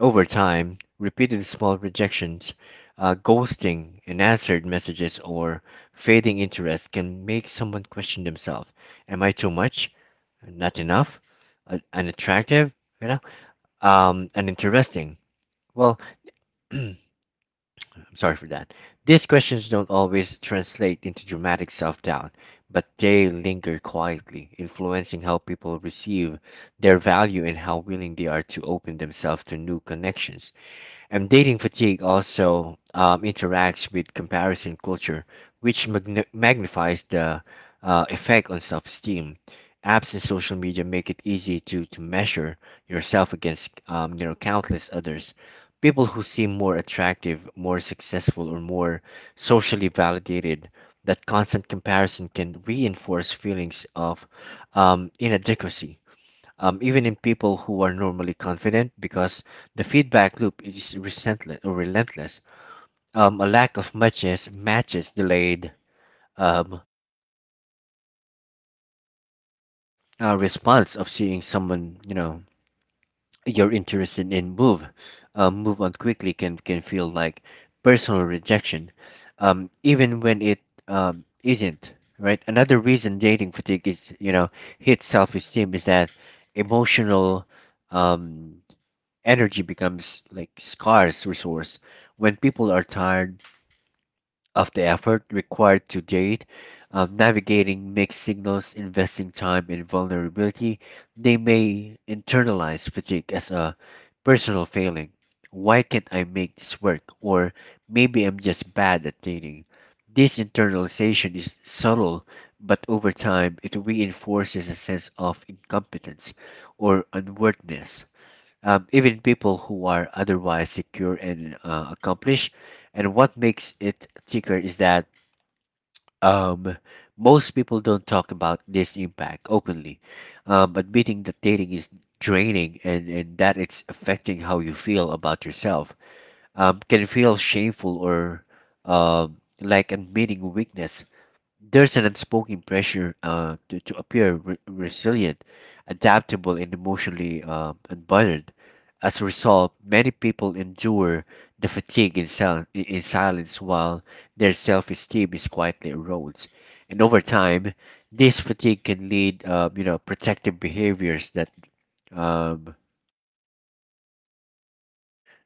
A: Over time, repeated small rejections, ghosting, unanswered messages, or fading interest can make someone question themselves. Am I too much? Not enough? Unattractive? You know? Uninteresting? Well, I'm sorry for that. These questions don't always translate into dramatic self doubt, but they linger quietly, influencing how people receive their value and how willing they are to open themselves to new connections. And dating fatigue also interacts with comparison culture, which magnifies the effect on self esteem. Apps and social media make it easy to measure yourself against countless others. People who seem more attractive, more successful, or more socially validated, that constant comparison can reinforce feelings of inadequacy even in people who are normally confident, because the feedback loop is resentless or relentless. A lack of matches delayed um, response of seeing someone you know you're interested in move on quickly can feel like personal rejection, even when it isn't. Right. Another reason dating fatigue is, you know, hit self esteem is that emotional um, energy becomes like scarce resource when people are tired of the effort required to date, navigating mixed signals, investing time in vulnerability. They may internalize fatigue as a personal failing. Why can't I make this work? Or maybe I'm just bad at dating. This internalization is subtle, but over time it reinforces a sense of incompetence or unworthiness, even people who are otherwise secure and accomplished. And what makes it thicker is that um, most people don't talk about this impact openly. Admitting that dating is draining and that it's affecting how you feel about yourself can feel shameful or like admitting weakness. There's an unspoken pressure to appear resilient, adaptable, and emotionally unbothered. As a result, many people endure the fatigue in silence while their self esteem is quietly erodes. And over time, this fatigue can lead, you know, protective behaviors um,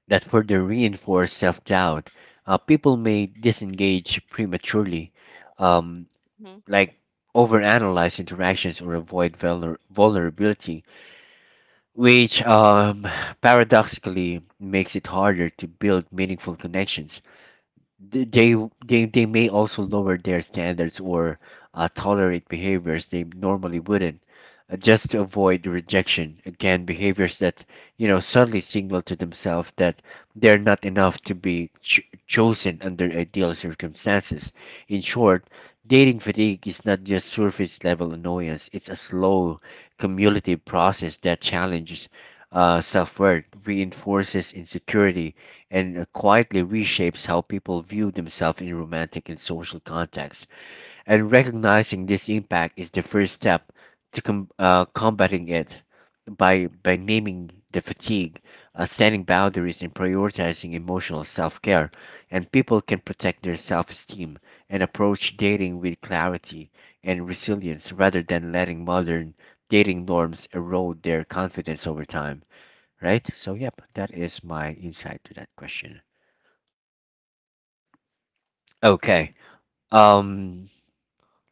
A: that further reinforce self doubt. People may disengage prematurely, um,
B: hmm
A: like overanalyze interactions or avoid vulnerability, which paradoxically makes it harder to build meaningful connections. th- they they may also lower their standards or tolerate behaviors they normally wouldn't, just to avoid rejection again, behaviors that, you know, suddenly signal to themselves that they're not enough to be chosen under ideal circumstances. In short, dating fatigue is not just surface level annoyance. It's a slow cumulative process that challenges self-worth, reinforces insecurity and quietly reshapes how people view themselves in romantic and social contexts. And recognizing this impact is the first step to combating it by naming the fatigue, setting boundaries, and prioritizing emotional self care. And people can protect their self esteem and approach dating with clarity and resilience rather than letting modern dating norms erode their confidence over time. Right? So, yep, that is my insight to that question. Okay. Um,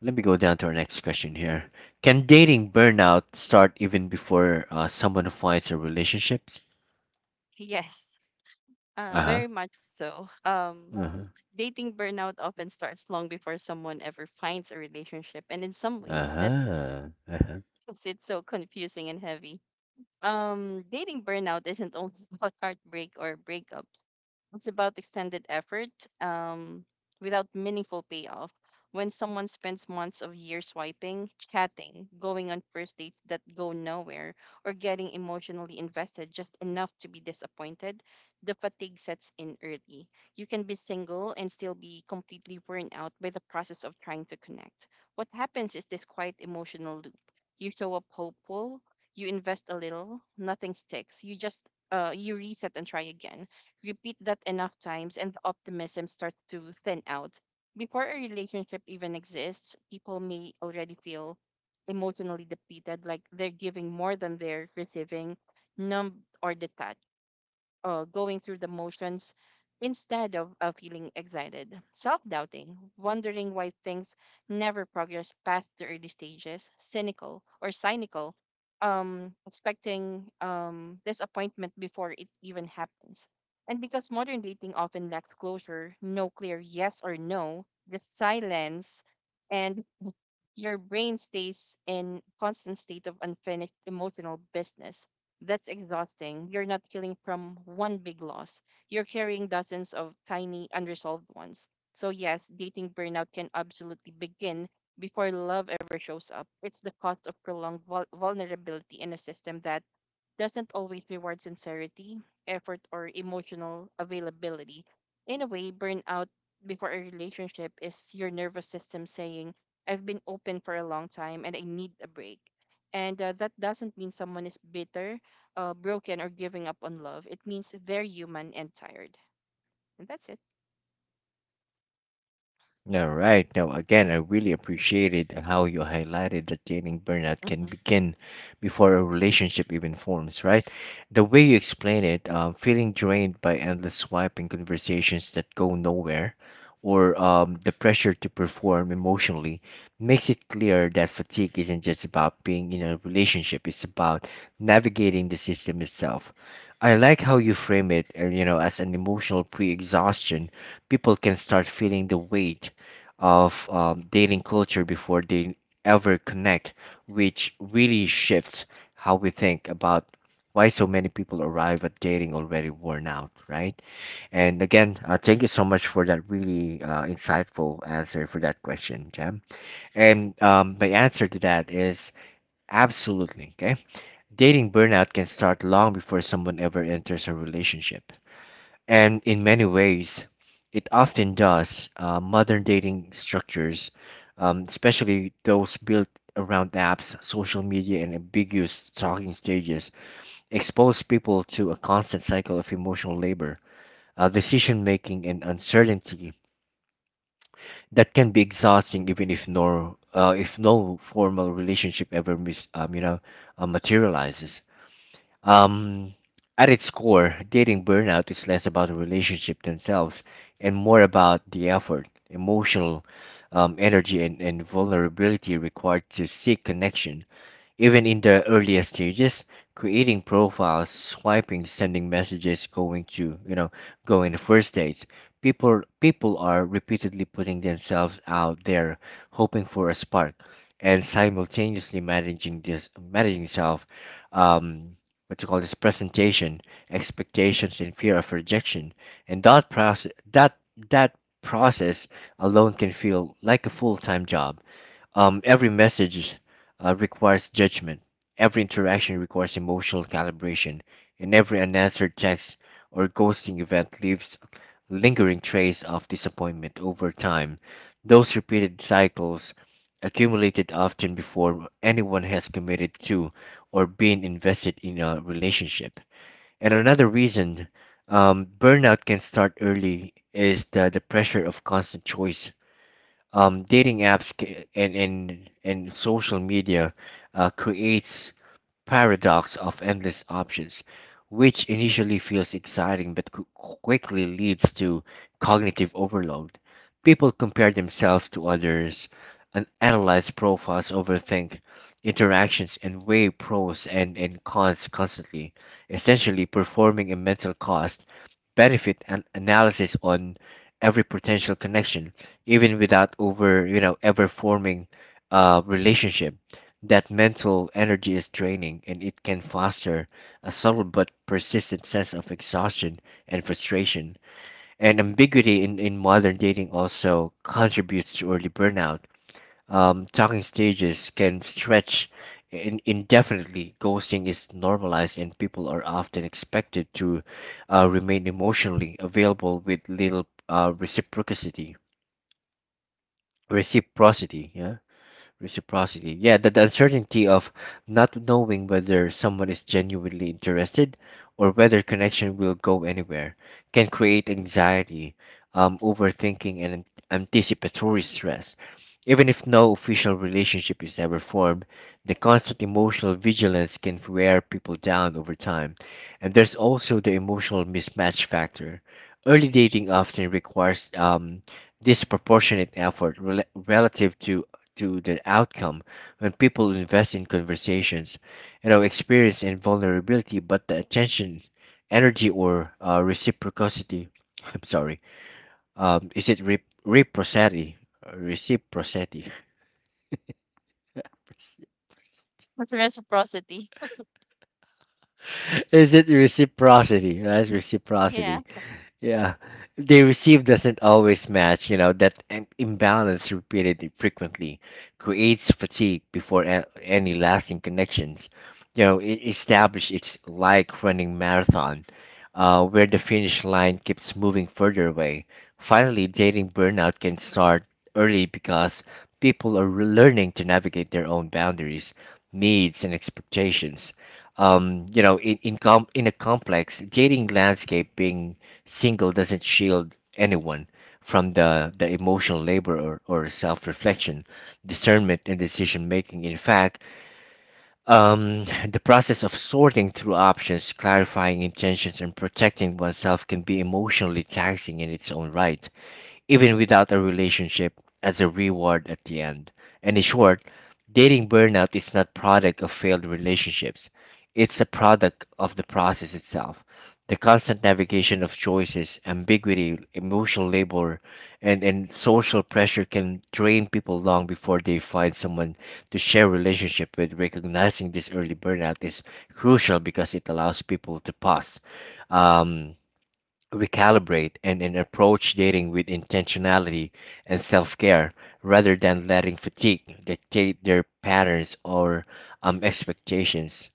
A: Let me go down to our next question here. Can dating burnout start even before someone finds a relationships?
B: Yes.
A: Uh-huh.
B: Very much so.
A: Uh-huh.
B: Dating burnout often starts long before someone ever finds a relationship, and in some ways, that's
A: Uh-huh.
B: makes it so confusing and heavy. Dating burnout isn't only about heartbreak or breakups. It's about extended effort um, without meaningful payoff. When someone spends months of years swiping, chatting, going on first dates that go nowhere, or getting emotionally invested just enough to be disappointed, the fatigue sets in early. You can be single and still be completely worn out by the process of trying to connect. What happens is this quiet emotional loop. You show up hopeful, you invest a little, nothing sticks. You reset and try again. Repeat that enough times, and the optimism starts to thin out. Before a relationship even exists, people may already feel emotionally depleted, like they're giving more than they're receiving, numb or detached, going through the motions instead of feeling excited, self doubting, wondering why things never progress past the early stages, cynical, expecting disappointment before it even happens. And because modern dating often lacks closure, no clear yes or no, just silence, and your brain stays in constant state of unfinished emotional business. That's exhausting. You're not killing from one big loss. You're carrying dozens of tiny unresolved ones. So yes, dating burnout can absolutely begin before love ever shows up. It's the cost of prolonged vulnerability in a system that doesn't always reward sincerity, effort, or emotional availability. In a way, burnout before a relationship is your nervous system saying, I've been open for a long time and I need a break. And that doesn't mean someone is bitter, broken, or giving up on love. It means they're human and tired. And that's it.
A: All right. Now, again, I really appreciated how you highlighted that dating burnout can
B: Mm-hmm.
A: begin before a relationship even forms, right? The way you explain it, feeling drained by endless swiping conversations that go nowhere, or the pressure to perform emotionally, makes it clear that fatigue isn't just about being in a relationship, it's about navigating the system itself. I like how you frame it, you know, as an emotional pre-exhaustion people can start feeling the weight of dating culture before they ever connect, which really shifts how we think about why so many people arrive at dating already worn out, right? And again, thank you so much for that really insightful answer for that question, Jam. And my answer to that is absolutely, okay? Dating burnout can start long before someone ever enters a relationship and in many ways, it often does. Modern dating structures, especially those built around apps, social media, and ambiguous talking stages, expose people to a constant cycle of emotional labor, decision making, and uncertainty that can be exhausting, even if no formal relationship ever you know materializes. Um, at its core, dating burnout is less about the relationship themselves and more about the effort, emotional energy, and vulnerability required to seek connection. Even in the earlier stages, creating profiles, swiping, sending messages, going to you know, going to first dates, people are repeatedly putting themselves out there, hoping for a spark, and simultaneously managing this managing self, um, what you call this presentation, expectations, and fear of rejection, and that process that process alone can feel like a full time job every message requires judgment, every interaction requires emotional calibration, and every unanswered text or ghosting event leaves a lingering trace of disappointment over time. Those repeated cycles accumulated often before anyone has committed to or been invested in a relationship. And another reason burnout can start early is the pressure of constant choice dating apps and social media creates paradox of endless options, which initially feels exciting but quickly leads to cognitive overload. People compare themselves to others and analyze profiles, overthink interactions, and weigh pros and cons constantly, essentially performing a mental cost benefit and analysis on every potential connection, even without over you know ever forming a relationship. That mental energy is draining and it can foster a subtle but persistent sense of exhaustion and frustration. And ambiguity in modern dating also contributes to early burnout. Talking stages can stretch indefinitely. Ghosting is normalized, and people are often expected to remain emotionally available with little reciprocity. Reciprocity, yeah reciprocity. Yeah, that the uncertainty of not knowing whether someone is genuinely interested or whether connection will go anywhere can create anxiety, overthinking, and anticipatory stress. Even if no official relationship is ever formed, the constant emotional vigilance can wear people down over time. And there's also the emotional mismatch factor. Early dating often requires disproportionate effort relative to the outcome when people invest in conversations, you know, experience and vulnerability, but the attention, energy, or reciprocity. I'm sorry. Is it reciprocity? Reciprocity.
B: That's reciprocity.
A: is it reciprocity? Right?
B: Yeah.
A: Reciprocity. Yeah, they receive doesn't always match, you know, that imbalance repeated frequently creates fatigue before any lasting connections. You know, it establish it's like running marathon, where the finish line keeps moving further away. Finally, dating burnout can start early because people are learning to navigate their own boundaries, needs, and expectations. You know, in a complex dating landscape being single doesn't shield anyone from the emotional labor or self reflection, discernment, and decision making. In fact, the process of sorting through options, clarifying intentions, and protecting oneself can be emotionally taxing in its own right even without a relationship as a reward at the end. And in short, dating burnout is not product of failed relationships. It's a product of the process itself. The constant navigation of choices, ambiguity, emotional labor, and social pressure can drain people long before they find someone to share relationship with. Recognizing this early burnout is crucial because it allows people to pause, um, recalibrate and approach dating with intentionality and self-care rather than letting fatigue dictate their patterns or expectations.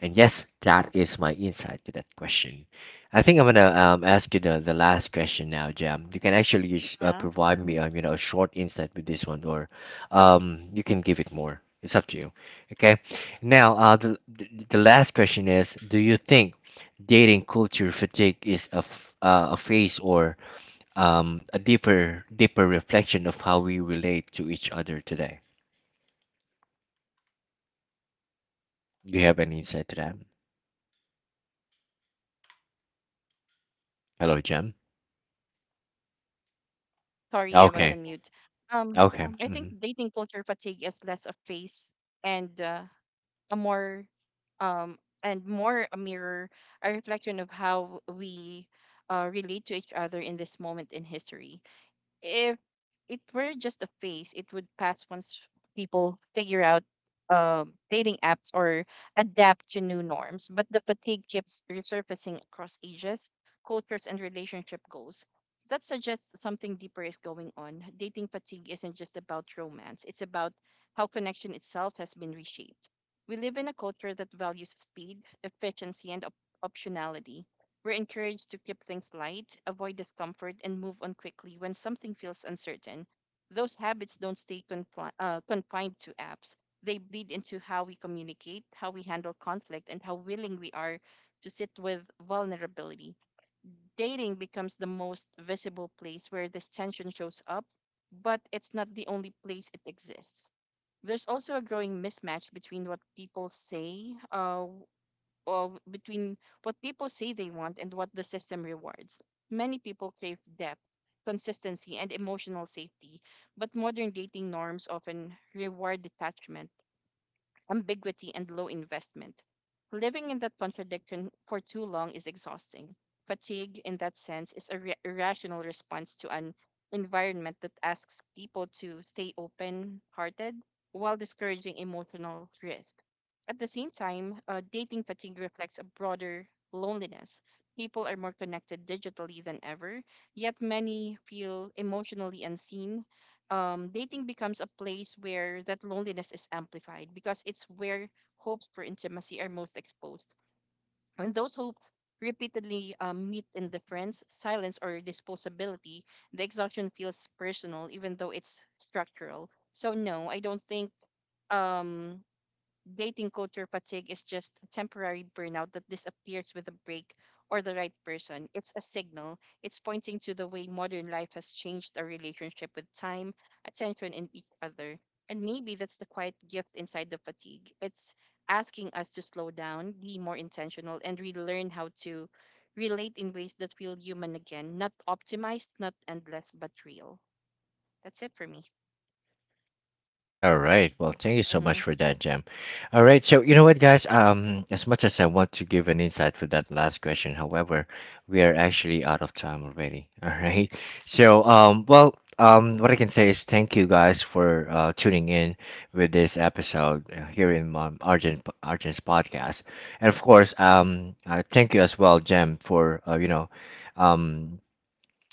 A: And yes, that is my insight to that question. I think I'm gonna ask you the last question now, Jam. You can actually just,
B: Yeah.
A: provide me you know a short insight with this one or you can give it more. It's up to you. Okay. Now, uh, the the last question is, do you think dating culture fatigue is a, a phase or a deeper reflection of how we relate to each other today? Do you have any insight to that? Hello, Jem.
B: Sorry, I was
A: Yes.
B: on mute.
A: Okay. Yes.
B: Um, I
A: Okay.
B: think
A: Mhm.
B: dating culture fatigue is less a phase and uh, a more um and more a mirror, a reflection of how we relate to each other in this moment in history. If it were just a phase, it would pass once people figure out dating apps or adapt to new norms. But the fatigue keeps resurfacing across ages, cultures, and relationship goals. That suggests something deeper is going on. Dating fatigue isn't just about romance, it's about how connection itself has been reshaped. We live in a culture that values speed, efficiency, and optionality. We're encouraged to keep things light, avoid discomfort, and move on quickly when something feels uncertain. Those habits don't stay confined to apps. They bleed into how we communicate, how we handle conflict, and how willing we are to sit with vulnerability. Dating becomes the most visible place where this tension shows up, but it's not the only place it exists. There's also a growing mismatch between or between what people say they want and what the system rewards. Many people crave depth, consistency, and emotional safety, but modern dating norms often reward detachment, ambiguity, and low investment. Living in that contradiction for too long is exhausting. Fatigue, in that sense, is a irrational response to an environment that asks people to stay open hearted while discouraging emotional risk. At the same time, dating fatigue reflects a broader loneliness. People are more connected digitally than ever, yet many feel emotionally unseen. Dating becomes a place where that loneliness is amplified because it's where hopes for intimacy are most exposed. When those hopes repeatedly meet indifference, silence, or disposability, the exhaustion feels personal, even though it's structural. So, no, I don't think um, dating culture fatigue is just a temporary burnout that disappears with a break or the right person. It's a signal. It's pointing to the way modern life has changed our relationship with time, attention, and each other. And maybe that's the quiet gift inside the fatigue. It's asking us to slow down, be more intentional, and relearn how to relate in ways that feel human again, not optimized, not endless, but real. That's it for me.
A: All right. Well, thank you so much
B: hmm
A: for that, Jam. All right. So you know what, guys? As much as I want to give an insight for that last question, however, we are actually out of time already. All right. So well, what I can say is thank you guys for tuning in with this episode here in Argent's podcast, and of course, thank you as well, Jam, for you know, um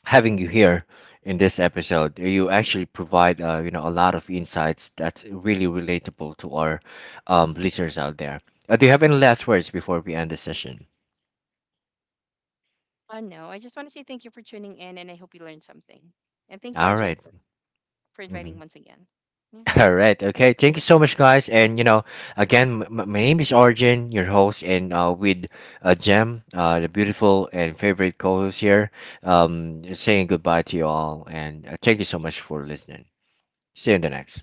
A: having you here in this episode. You actually provide you know a lot of insights that's really relatable to our listeners out there. Do you have any last words before we end the session?
B: No, I just want to say thank you for tuning in and I hope you learned something. And thank you,
A: All
B: Arjun,
A: right.
B: for
A: Mm-hmm.
B: inviting once again.
A: All right. Okay. Thank you so much, guys. And you know, again, my name is Arjun, your host, and with Jem, the beautiful and favorite co-host here, saying goodbye to you all. And thank you so much for listening. See you in the next.